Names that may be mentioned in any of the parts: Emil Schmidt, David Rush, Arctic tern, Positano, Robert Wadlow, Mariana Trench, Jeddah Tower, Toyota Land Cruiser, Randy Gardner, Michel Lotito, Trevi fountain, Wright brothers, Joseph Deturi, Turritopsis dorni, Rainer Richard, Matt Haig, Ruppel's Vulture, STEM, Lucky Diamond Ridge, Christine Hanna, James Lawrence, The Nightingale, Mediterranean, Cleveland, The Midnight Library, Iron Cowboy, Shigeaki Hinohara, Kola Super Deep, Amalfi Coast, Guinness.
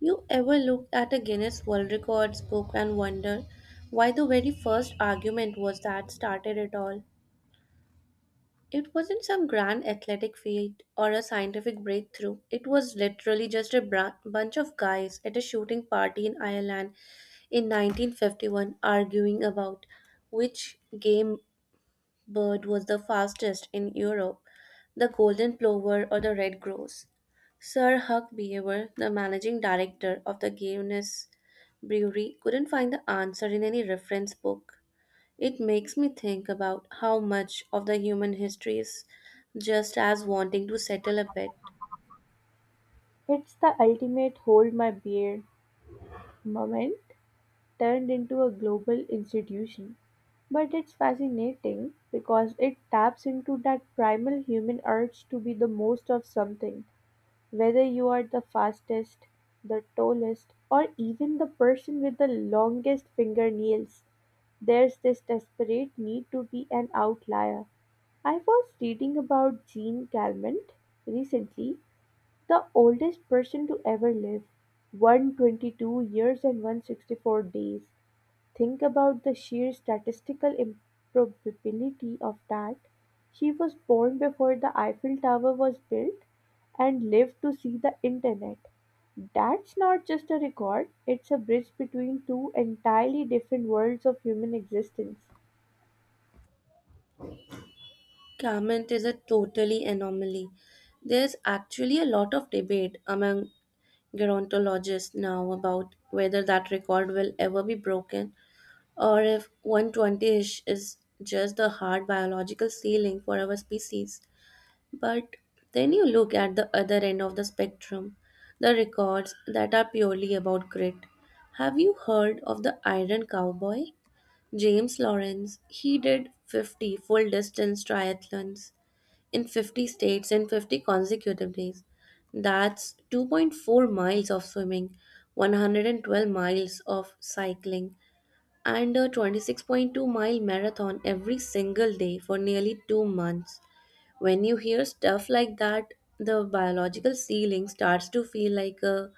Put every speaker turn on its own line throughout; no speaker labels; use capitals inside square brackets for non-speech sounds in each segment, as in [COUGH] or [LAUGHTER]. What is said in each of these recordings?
You ever look at a Guinness World Records book and wonder why the very first argument was that started it all? It wasn't some grand athletic feat or a scientific breakthrough. It was literally just a bunch of guys at a shooting party in Ireland in 1951 arguing about which game bird was the fastest in Europe, the golden plover or the red grouse. Sir Huck Beaver, the managing director of the Guinness Brewery, couldn't find the answer in any reference book. It makes me think about how much of the human history is just as wanting to settle a bet.
It's the ultimate hold my beer moment turned into a global institution. But it's fascinating because it taps into that primal human urge to be the most of something, whether you are the fastest, the tallest, or even the person with the longest fingernails. There's this desperate need to be an outlier. I was reading about Jean Calment recently, the oldest person to ever live, 122 years and 164 days. Think about the sheer statistical improbability of that. She was born before the Eiffel Tower was built and lived to see the internet. That's not just a record, it's a bridge between two entirely different worlds of human existence.
Comment is a totally anomaly. There's actually a lot of debate among gerontologists now about whether that record will ever be broken, or if 120ish is just the hard biological ceiling for our species. But then you look at the other end of the spectrum, the records that are purely about grit. Have you heard of the Iron Cowboy? James Lawrence, he did 50 full distance triathlons in 50 states in 50 consecutive days. That's 2.4 miles of swimming, 112 miles of cycling, and a 26.2-mile marathon every single day for nearly 2 months. When you hear stuff like that, the biological ceiling starts to feel like a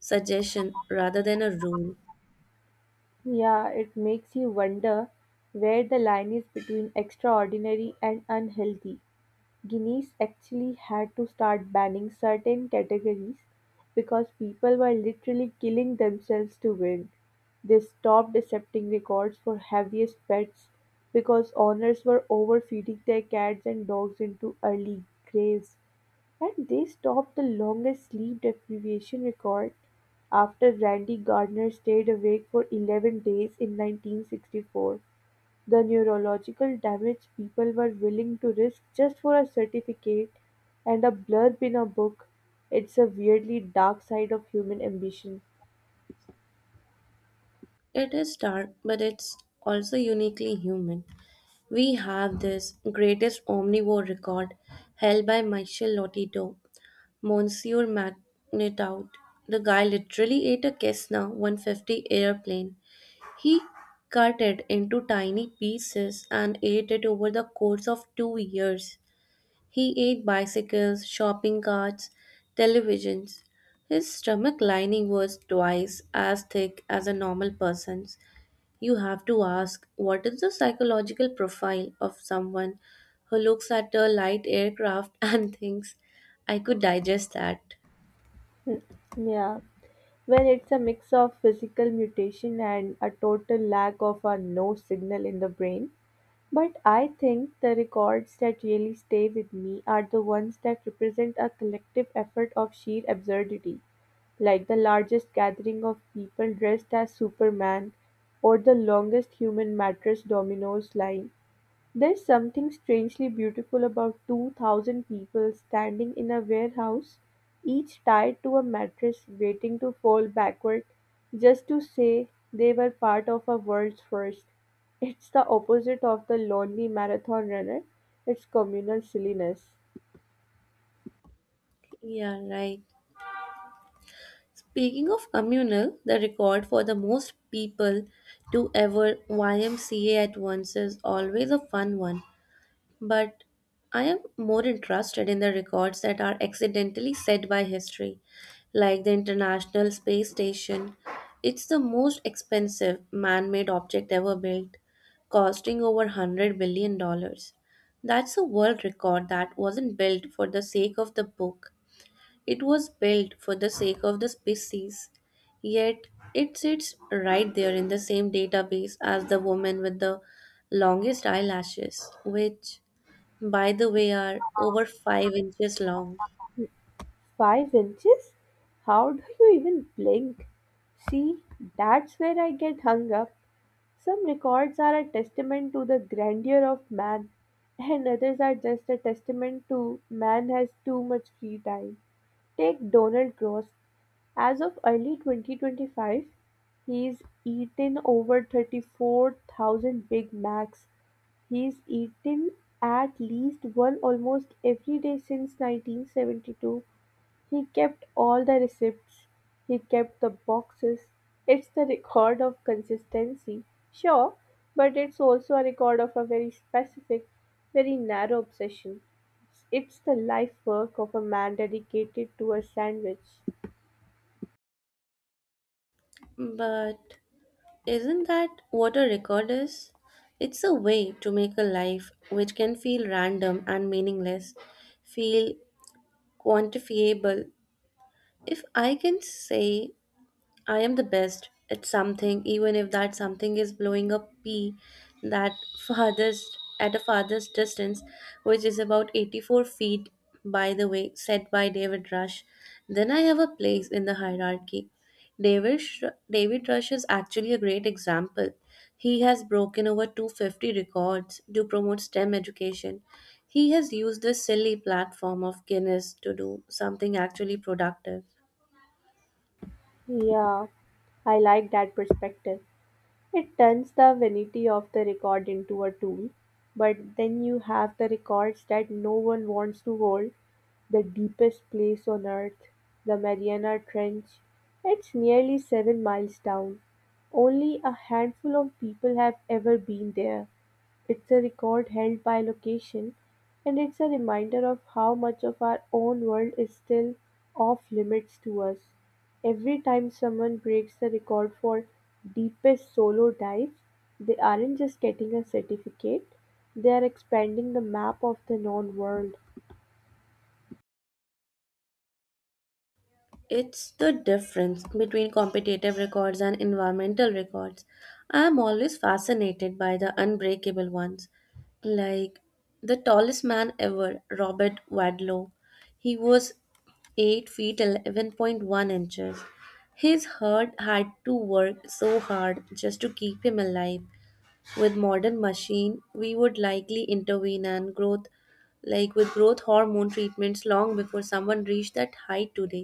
suggestion rather than a rule.
Yeah, it makes you wonder where the line is between extraordinary and unhealthy. Guinness actually had to start banning certain categories because people were literally killing themselves to win. They stopped accepting records for heaviest pets because owners were overfeeding their cats and dogs into early graves. And they stopped the longest sleep deprivation record after Randy Gardner stayed awake for 11 days in 1964. The neurological damage people were willing to risk just for a certificate and a blurb in a book, it's a weirdly dark side of human ambition.
It is dark, but it's also uniquely human. We have this greatest omnivore record held by Michel Lotito Monsieur McNitout, the guy literally ate a Cessna 150 airplane. He cut it into tiny pieces and ate it over the course of 2 years. He ate bicycles, shopping carts, televisions. His stomach lining was twice as thick as a normal person's. You have to ask what is the psychological profile of someone who looks at a light aircraft [LAUGHS] and thinks, I could digest that.
Yeah, well, it's a mix of physical mutation and a total lack of a no signal in the brain. But I think the records that really stay with me are the ones that represent a collective effort of sheer absurdity, like the largest gathering of people dressed as Superman or the longest human mattress dominoes line. There's something strangely beautiful about 2,000 people standing in a warehouse, each tied to a mattress waiting to fall backward just to say they were part of a world's first. It's the opposite of the lonely marathon runner, it's communal silliness.
Yeah, right. Speaking of communal, the record for the most people to ever YMCA at once is always a fun one. But I am more interested in the records that are accidentally set by history, like the International Space Station. It's the most expensive man made object ever built, costing over $100 billion dollars. That's a world record that wasn't built for the sake of the book. It was built for the sake of the species, yet it sits right there in the same database as the woman with the longest eyelashes, which, by the way, are over 5 inches long.
5 inches? How do you even blink? See, that's where I get hung up. Some records are a testament to the grandeur of man, and others are just a testament to man has too much free time. Take Donald Gross. As of early 2025, he's eaten over 34,000 Big Macs. He's eaten at least one almost every day since 1972. He kept all the receipts, he kept the boxes. It's the record of consistency, sure, but it's also a record of a very specific, very narrow obsession. It's the life work of a man dedicated to a sandwich.
But isn't that what a record is? It's a way to make a life which can feel random and meaningless, feel quantifiable. If I can say I am the best at something, even if that something is blowing a pea that farthest at a farthest distance, which is about 84 feet, by the way, said by David Rush. Then I have a place in the hierarchy. David, Sh- David Rush is actually a great example. He has broken over 250 records to promote STEM education. He has used this silly platform of Guinness to do something actually productive.
Yeah, I like that perspective. It turns the vanity of the record into a tool, but then you have the records that no one wants to hold. The deepest place on Earth, the Mariana Trench, it's nearly 7 miles down. Only a handful of people have ever been there. It's a record held by location, and it's a reminder of how much of our own world is still off limits to us. Every time someone breaks the record for deepest solo dive, they aren't just getting a certificate, they are expanding the map of the known world.
It's the difference between competitive records and environmental records. I am always fascinated by the unbreakable ones, like the tallest man ever, Robert Wadlow. He was 8 feet 11.1 inches. His herd had to work so hard just to keep him alive with modern machine we would likely intervene and growth like with growth hormone treatments long before someone reached that height today.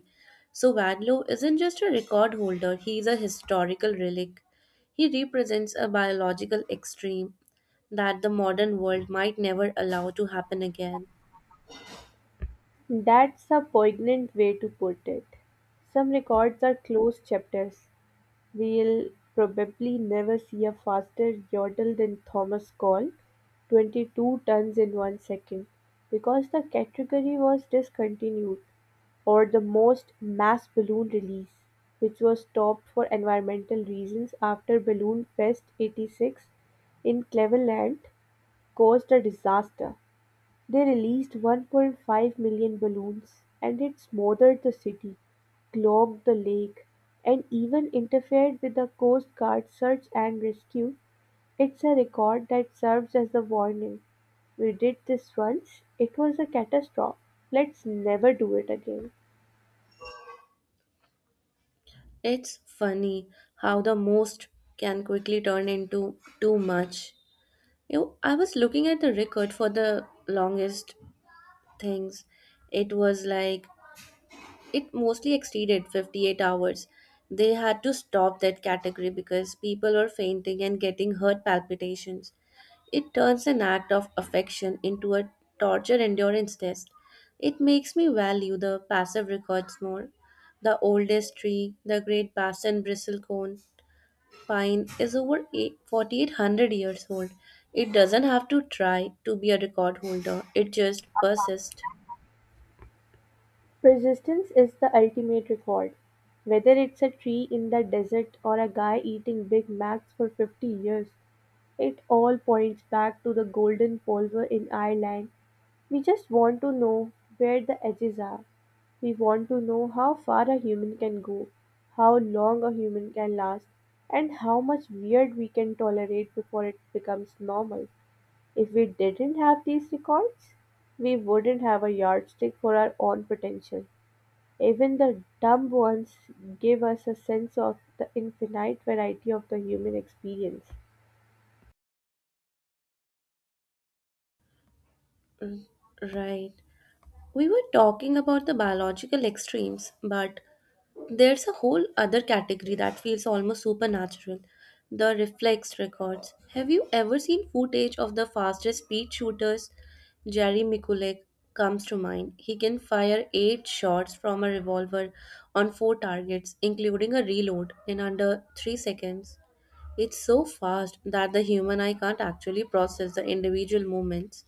So Wadlow isn't just a record holder, he is a historical relic. He represents a biological extreme that the modern world might never allow to happen again.
That's a poignant way to put it. Some records are closed chapters. We'll probably never see a faster yodel than Thomas Call, 22 tons in 1 second, because the category was discontinued, or the most mass balloon release, which was stopped for environmental reasons after Balloon Fest 86 in Cleveland caused a disaster. They released 1.5 million balloons, and it smothered the city, clogged the lake, and even interfered with the Coast Guard search and rescue. It's a record that serves as a warning. We did this once, it was a catastrophe. Let's never do it again.
It's funny how the most can quickly turn into too much. You I was looking at the record for the longest things. It was like it mostly exceeded 58 hours. They had to stop that category because people were fainting and getting heart palpitations. It turns an act of affection into a torture endurance test. It makes me value the passive records more. The oldest tree, the great basin bristlecone pine, is over 4,800 years old. It doesn't have to try to be a record holder, it just persists.
Persistence is the ultimate record. Whether it's a tree in the desert or a guy eating Big Macs for 50 years, it all points back to the golden pulver in Ireland. We just want to know where the edges are. We want to know how far a human can go, how long a human can last, and how much weird we can tolerate before it becomes normal. If we didn't have these records, we wouldn't have a yardstick for our own potential. Even the dumb ones give us a sense of the infinite variety of the human experience.
R- Right. We were talking about the biological extremes, but there's a whole other category that feels almost supernatural, the reflex records. Have you ever seen footage of the fastest speed shooters? Jerry Mikulik comes to mind. He can fire eight shots from a revolver on four targets, including a reload, in under 3 seconds. It's so fast that the human eye can't actually process the individual movements.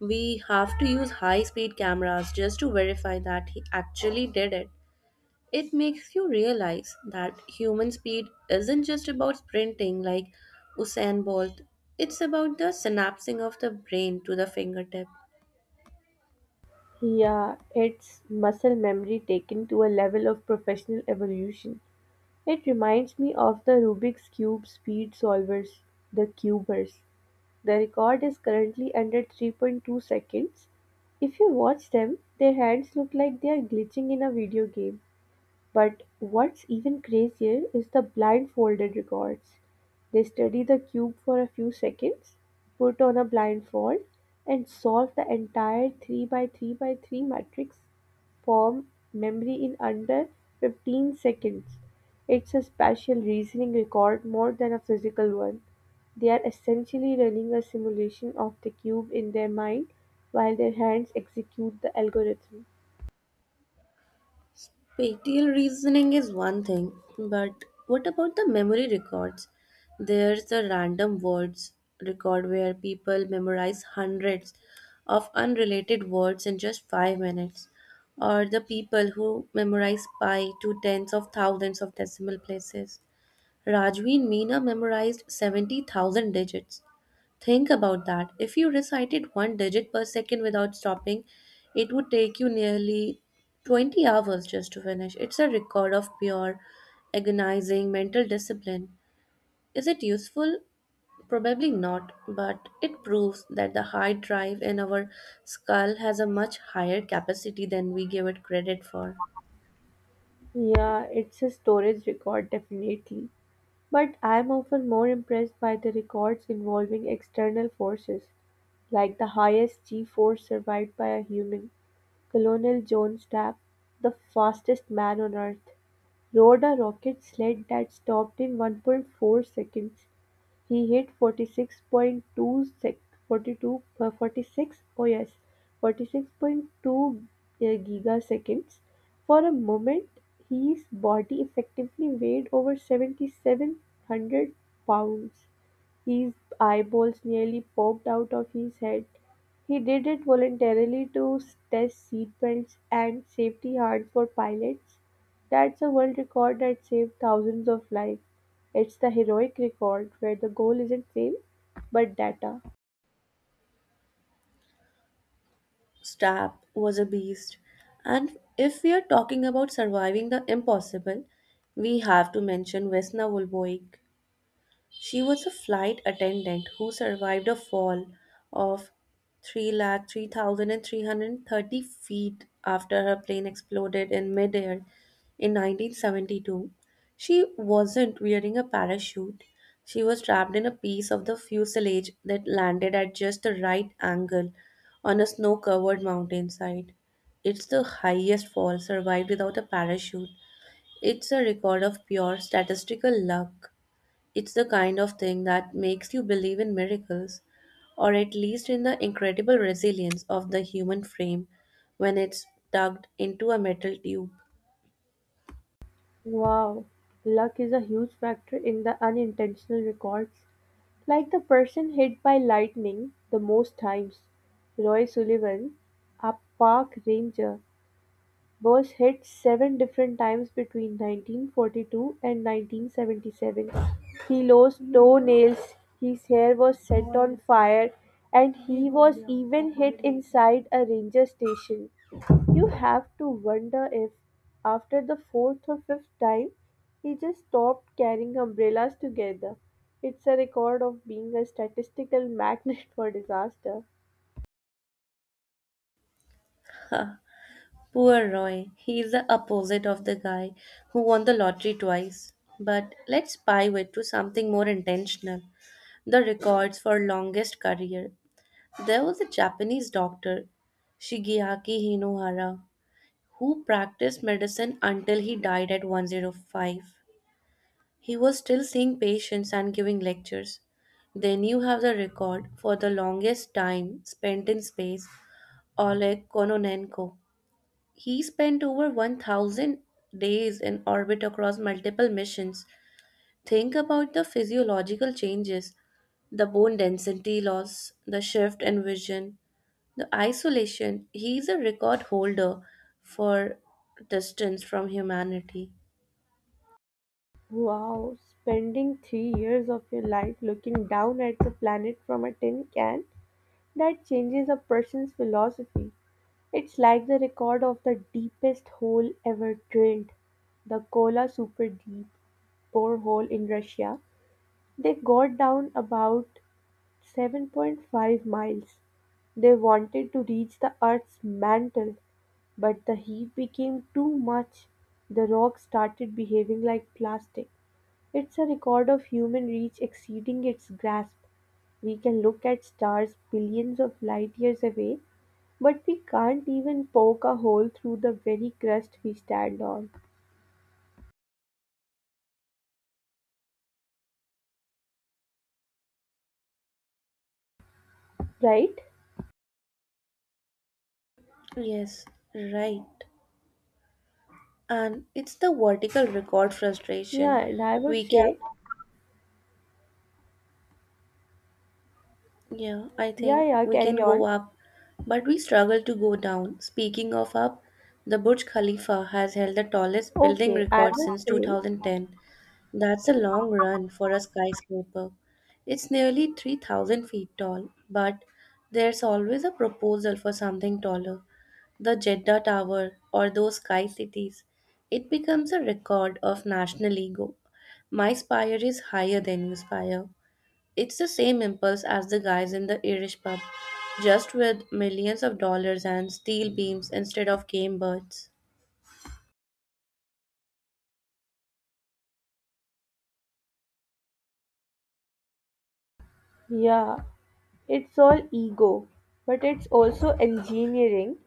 We have to use high speed cameras just to verify that he actually did it. It makes you realize that human speed isn't just about sprinting like Usain Bolt, it's about the synapsing of the brain to the fingertip.
Yeah, it's muscle memory taken to a level of professional evolution. It reminds me of the Rubik's Cube speed solvers, the cubers. The record is currently under 3.2 seconds. If you watch them, their hands look like they are glitching in a video game. But what's even crazier is the blindfolded records. They study the cube for a few seconds, put on a blindfold, and solve the entire 3 by 3 by 3 matrix form memory in under 15 seconds. It's a spatial reasoning record more than a physical one. They are essentially running a simulation of the cube in their mind while their hands execute the algorithm.
Pictorial reasoning is one thing, but what about the memory records? There's the random words record where people memorize hundreds of unrelated words in just 5 minutes, or the people who memorize pi to tens of thousands of decimal places. Rajvi and Meena memorized 70,000 digits. Think about that. If you recited one digit per second without stopping, it would take you nearly 20 hours just to finish. It's a record of pure, agonizing mental discipline. Is it useful? Probably not, but it proves that the hard drive in our skull has a much higher capacity than we give it credit for.
Yeah, it's a storage record, definitely. But I'm often more impressed by the records involving external forces, like the highest G force survived by a human. Colonel John Stapp, the fastest man on Earth, rode a rocket sled that stopped in 1.4 seconds. He hit forty-two uh, forty-six oh yes, forty-6.2 gigaseconds. For a moment, his body effectively weighed over 7,700 pounds. His eyeballs nearly popped out of his head. He did it voluntarily to test seatbelts and safety harness for pilots. That's a world record that saved thousands of lives. It's the heroic record where the goal isn't fame, but data.
Strap was a beast. And if we are talking about surviving the impossible, we have to mention Vesna Volboik. She was a flight attendant who survived a fall of three lakh three thousand and three hundred thirty feet after her plane exploded in midair in 1972. She wasn't wearing a parachute. She was trapped in a piece of the fuselage that landed at just the right angle on a snow covered mountainside. It's the highest fall survived without a parachute. It's a record of pure statistical luck. It's the kind of thing that makes you believe in miracles, or at least in the incredible resilience of the human frame when it's tugged into a metal tube.
Wow, luck is a huge factor in the unintentional records. Like the person hit by lightning the most times, Roy Sullivan, a park ranger, was hit seven different times between 1942 and 1977. He lost toenails, his hair was set on fire, and he was even hit inside a ranger station. You have to wonder if, after the fourth or fifth time, he just stopped carrying umbrellas together. It's a record of being a statistical [LAUGHS] magnet for disaster.
[LAUGHS] Poor Roy, he is the opposite of the guy who won the lottery twice. But let's pivot to something more intentional, the records for longest career. There was a Japanese doctor, Shigeaki Hinohara, who practiced medicine until he died at 105. He was still seeing patients and giving lectures. They knew have the record for the longest time spent in space, Oleg Kononenko. He spent over 1,000 days in orbit across multiple missions. Think about the physiological changes, the bone density loss, the shift in vision, the isolation. He is a record holder for distance from humanity.
Wow, spending 3 years of your life looking down at the planet from a tin can? That changes a person's philosophy. It's like the record of the deepest hole ever drilled, the Kola Super Deep borehole in Russia. They got down about 7.5 miles. They wanted to reach the Earth's mantle, but the heat became too much. The rock started behaving like plastic. It's a record of human reach exceeding its grasp. We can look at stars billions of light years away, but we can't even poke a hole through the very crust we stand on. Right?
Yes, right, and it's the vertical record
Yeah,
frustration.
and I would
We can
say,
Yeah, I
yeah,
think
yeah,
we can
carry
go
on.
up, but we struggle to go down. Speaking of up, the Burj Khalifa has held the tallest building
Okay, I
record
was
since
saying,
2010. That's a long run for a skyscraper. It's nearly 3,000 feet tall, but there's always a proposal for something taller. The Jeddah Tower or those sky cities. It becomes a record of national ego. My spire is higher than your spire. It's the same impulse as the guys in the Irish pub, just with millions of dollars and steel beams instead of game birds.
yeah, it's all ego, but it's also engineering.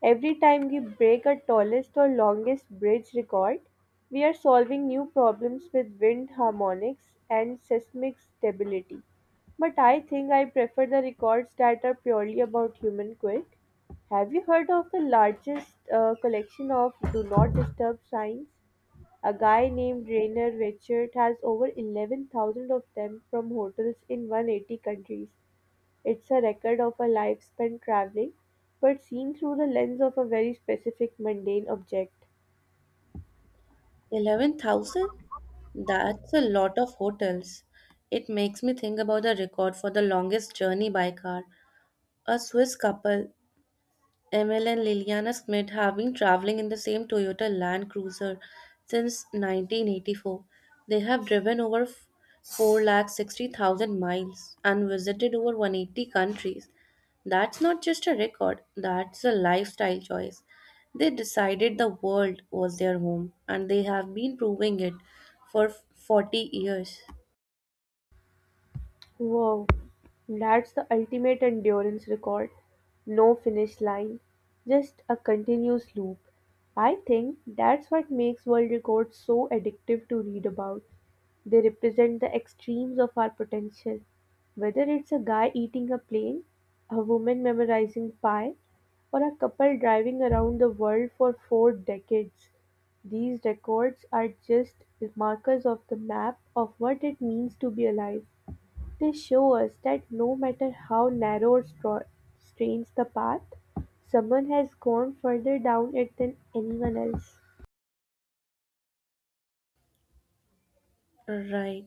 Every time we break a tallest or longest bridge record, we are solving new problems with wind harmonics and seismic stability. But I think I prefer the records that are purely about human quirk. Have you heard of the largest collection of do not disturb signs? A guy named Rainer Richard has over 11,000 of them from hotels in 180 countries. It's a record of a life spent traveling, but seen through the lens of a very specific mundane object.
11,000? That's a lot of hotels. It makes me think about the record for the longest journey by car. A Swiss couple, Emil and Liliana Schmidt, have been traveling in the same Toyota Land Cruiser since 1984. They have driven over 460,000 miles and visited over 180 countries. That's not just a record, that's a lifestyle choice. They decided the world was their home and they have been proving it for 40 years.
Wow. That's the ultimate endurance record. No finish line, just a continuous loop. I think that's what makes world records so addictive to read about. They represent the extremes of our potential. Whether it's a guy eating a plane, a woman memorizing pi, or a couple driving around the world for four decades, these records are just markers of the map of what it means to be alive. They show us that no matter how narrow or strange the path, someone has gone further down it than anyone else.
Right.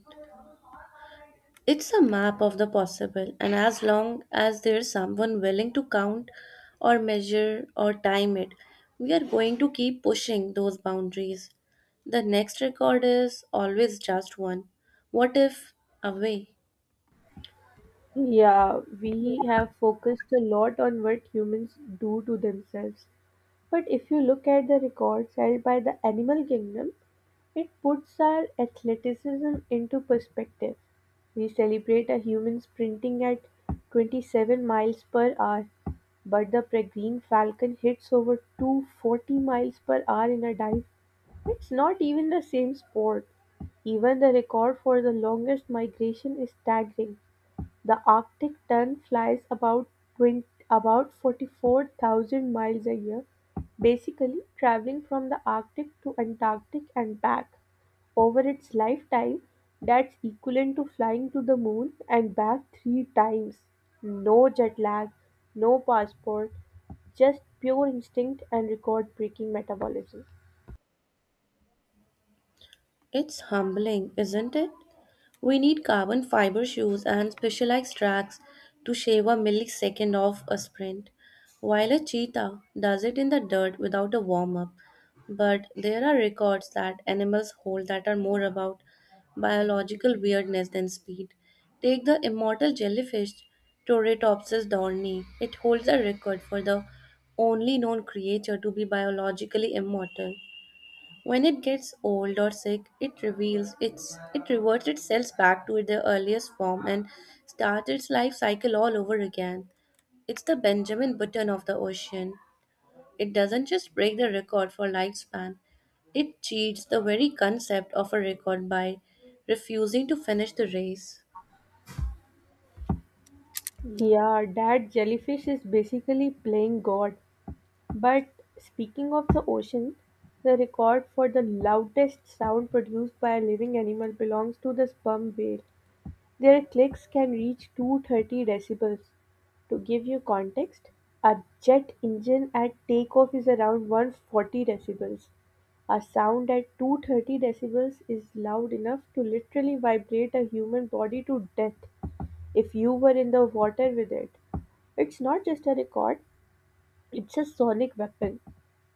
It's a map of the possible, and as long as there's someone willing to count or measure or time it, we are going to keep pushing those boundaries. The next record is always just one. What if away?
Yeah, we have focused a lot on what humans do to themselves. But if you look at the records held by the animal kingdom, it puts our athleticism into perspective: we celebrate a human sprinting at 27 miles per hour, but the Peregrine falcon hits over 240 miles per hour in a dive. It's not even the same sport. Even the record for the longest migration is staggering. The Arctic tern flies about 44,000 miles a year, basically traveling from the Arctic to Antarctic and back. Over its lifetime, that's equivalent to flying to the moon and back three times. No jet lag, no passport, just pure instinct and record breaking metabolism.
It's humbling, isn't it? We need carbon fiber shoes and specialized tracks to shave a millisecond off a sprint, while a cheetah does it in the dirt without a warm up. But there are records that animals hold that are more about biological weirdness than speed. Take the immortal jellyfish Torretopsis dorni. It holds a record for the only known creature to be biologically immortal. When it gets old or sick, it reverts itself back to the earliest form and starts its life cycle all over again. It's the Benjamin Button of the ocean. It doesn't just break the record for lifespan, it cheats the very concept of a record by refusing to finish the race.
Yeah, that jellyfish is basically playing God. But speaking of the ocean, the record for the loudest sound produced by a living animal belongs to the sperm whale. Their clicks can reach 230 decibels. To give you context, a jet engine at takeoff is around 140 decibels. A sound at 230 decibels is loud enough to literally vibrate a human body to death if you were in the water with it. It's not just a record, it's a sonic weapon;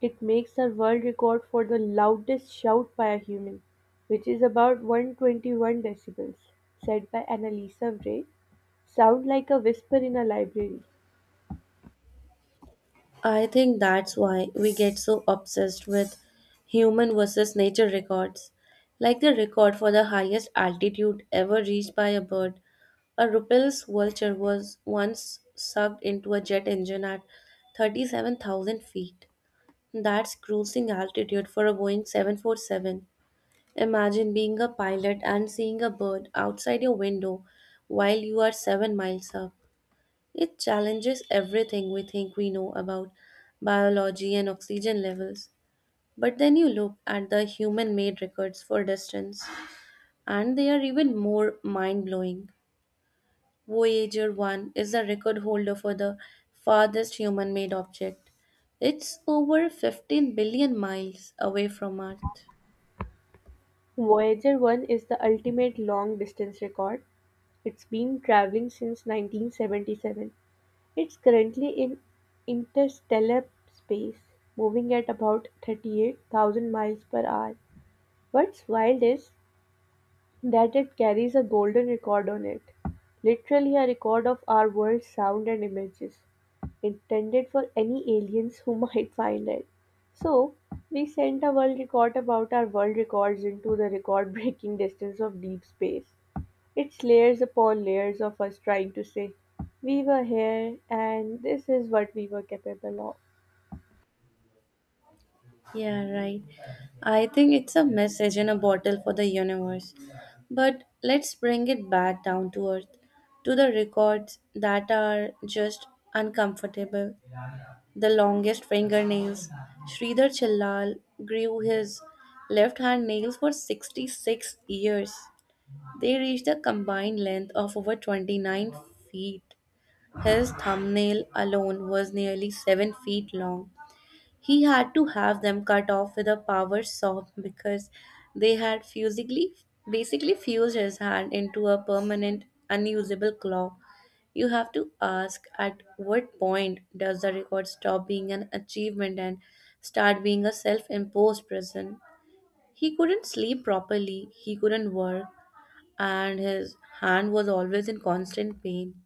it makes a world record for the loudest shout by a human, which is about 121 decibels, said by Annalisa Bray, sound like a whisper in a library.
I think that's why we get so obsessed with human versus nature records, like the record for the highest altitude ever reached by a bird. A Ruppel's Vulture was once sucked into a jet engine at 37,000 feet. That's cruising altitude for a Boeing 747. Imagine being a pilot and seeing a bird outside your window while you are 7 miles up. It challenges everything we think we know about biology and oxygen levels. But then you look at the human made records for distance, and they are even more mind blowing. Voyager 1 is the record holder for the farthest human made object. It's over 15 billion miles away from Earth.
Voyager 1 is the ultimate long distance record. It's been traveling since 1977. It's currently in interstellar space, moving at about 38,000 miles per hour. What's wild is that it carries a golden record on it, literally a record of our world's sound and images, intended for any aliens who [LAUGHS] might find it. So, we sent a world record about our world records into the record breaking [LAUGHS] distance of deep space. It's layers upon layers of us trying to say, we were here and this is what we were capable of.
Yeah, right. I think it's a message in a bottle for the universe. But let's bring it back down to earth, to the records that are just uncomfortable. The longest fingernails. Sridhar Chillal grew his left hand nails for 66 years. They reached a combined length of over 29 feet. His thumbnail alone was nearly 7 feet long. He had to have them cut off with a power saw because they had basically fused his hand into a permanent, unusable claw. You have to ask at what point does the record stop being an achievement and start being a self imposed prison? He couldn't sleep properly, he couldn't work, and his hand was always in constant pain.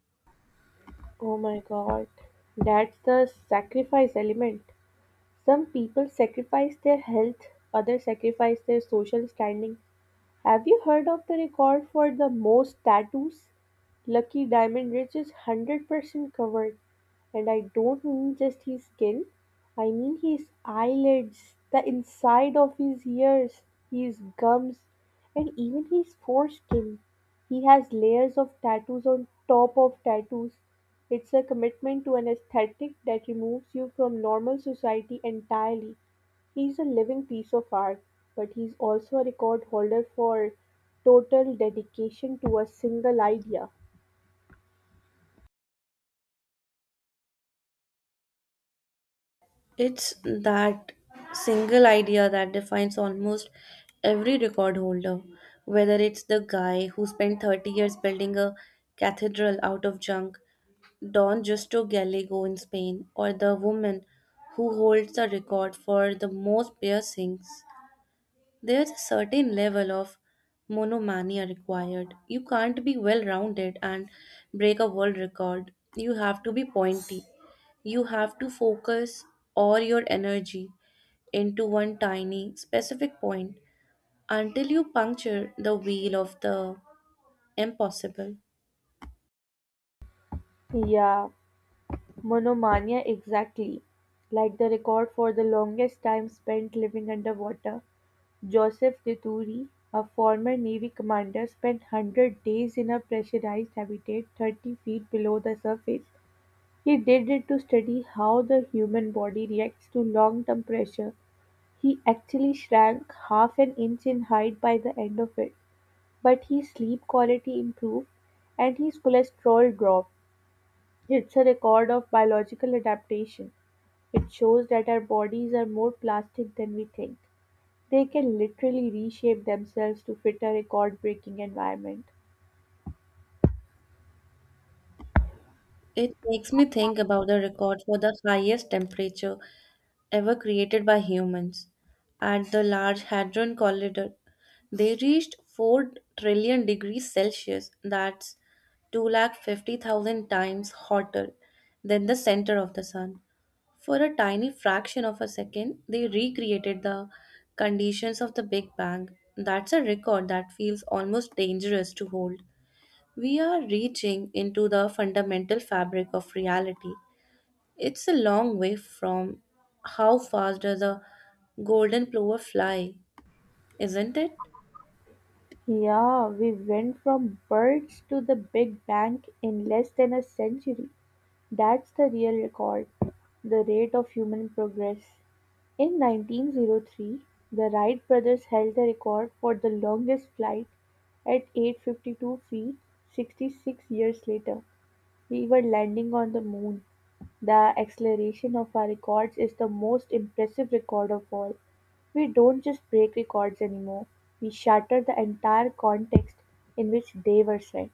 Oh my god, that's the sacrifice element. Some people sacrifice their health, others sacrifice their social standing. Have you heard of the record for the most tattoos? Lucky Diamond Ridge is 100% covered. And I don't mean just his skin, I mean his eyelids, the inside of his ears, his gums, and even his foreskin. He has layers of tattoos on top of tattoos. It's a commitment to an aesthetic that removes you from normal society entirely. He's a living piece of art, but he's also a record holder for total dedication to a single idea.
It's that single idea that defines almost every record holder, whether it's the guy who spent 30 years building a cathedral out of junk, Don Justo Gallego in Spain, or the woman who holds the record for the most piercings. There's a certain level of monomania required. You can't be well rounded and break a world record. You have to be pointy. You have to focus all your energy into one tiny, specific point until you puncture the wheel of the impossible.
Yeah, monomania exactly. Like the record for the longest time spent living underwater, Joseph Deturi, a former Navy commander, spent 100 days in a pressurized habitat 30 feet below the surface. He did it to study how the human body reacts to long term pressure. He actually shrank half an inch in height by the end of it, but his sleep quality improved and his cholesterol dropped. It's a record of biological adaptation. It shows that our bodies are more plastic than we think. They can literally reshape themselves to fit a record breaking environment.
It makes me think about the record for the highest temperature ever created by humans at the Large Hadron Collider. They reached 4 trillion degrees Celsius, that's 250,000 times hotter than the center of the sun. For a tiny fraction of a second, they recreated the conditions of the Big Bang. That's a record that feels almost dangerous to hold. We are reaching into the fundamental fabric of reality. It's a long way from how fast does a golden plover fly, isn't it?
Yeah, we went from birds to the Big Bang in less than a century. That's the real record, the rate of human progress. In 1903, the Wright brothers held the record for the longest flight at 852 feet. 66 years later, we were landing on the moon. The acceleration of our records is the most impressive record of all. We don't just break records anymore, we shatter the entire context in which they were set.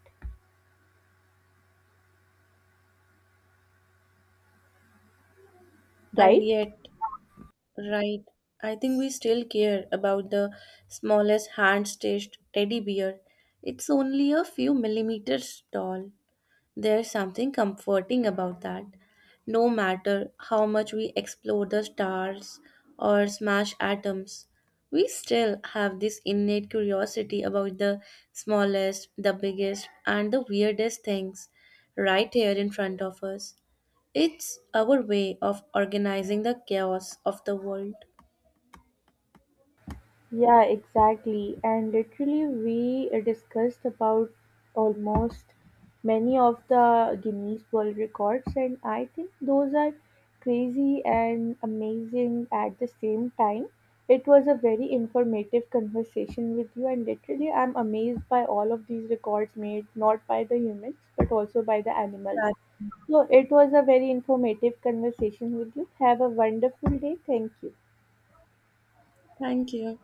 And
Right?
yet, right, I think we still care about the smallest hand-stitched teddy bear. It's only a few millimeters tall. There's something comforting about that. No matter how much we explore the stars or smash atoms, we still have this innate curiosity about the smallest, the biggest, and the weirdest things right here in front of us. It's our way of organizing the chaos of the world.
Yeah, exactly. And literally, we discussed about almost many of the Guinness World Records, and I think those are crazy and amazing at the same time. It was a very informative conversation with you, and literally, I'm amazed by all of these records made not by the humans but also by the animals.
Right.
So, it was a very informative conversation with you. Have a wonderful day. Thank you.
Thank you.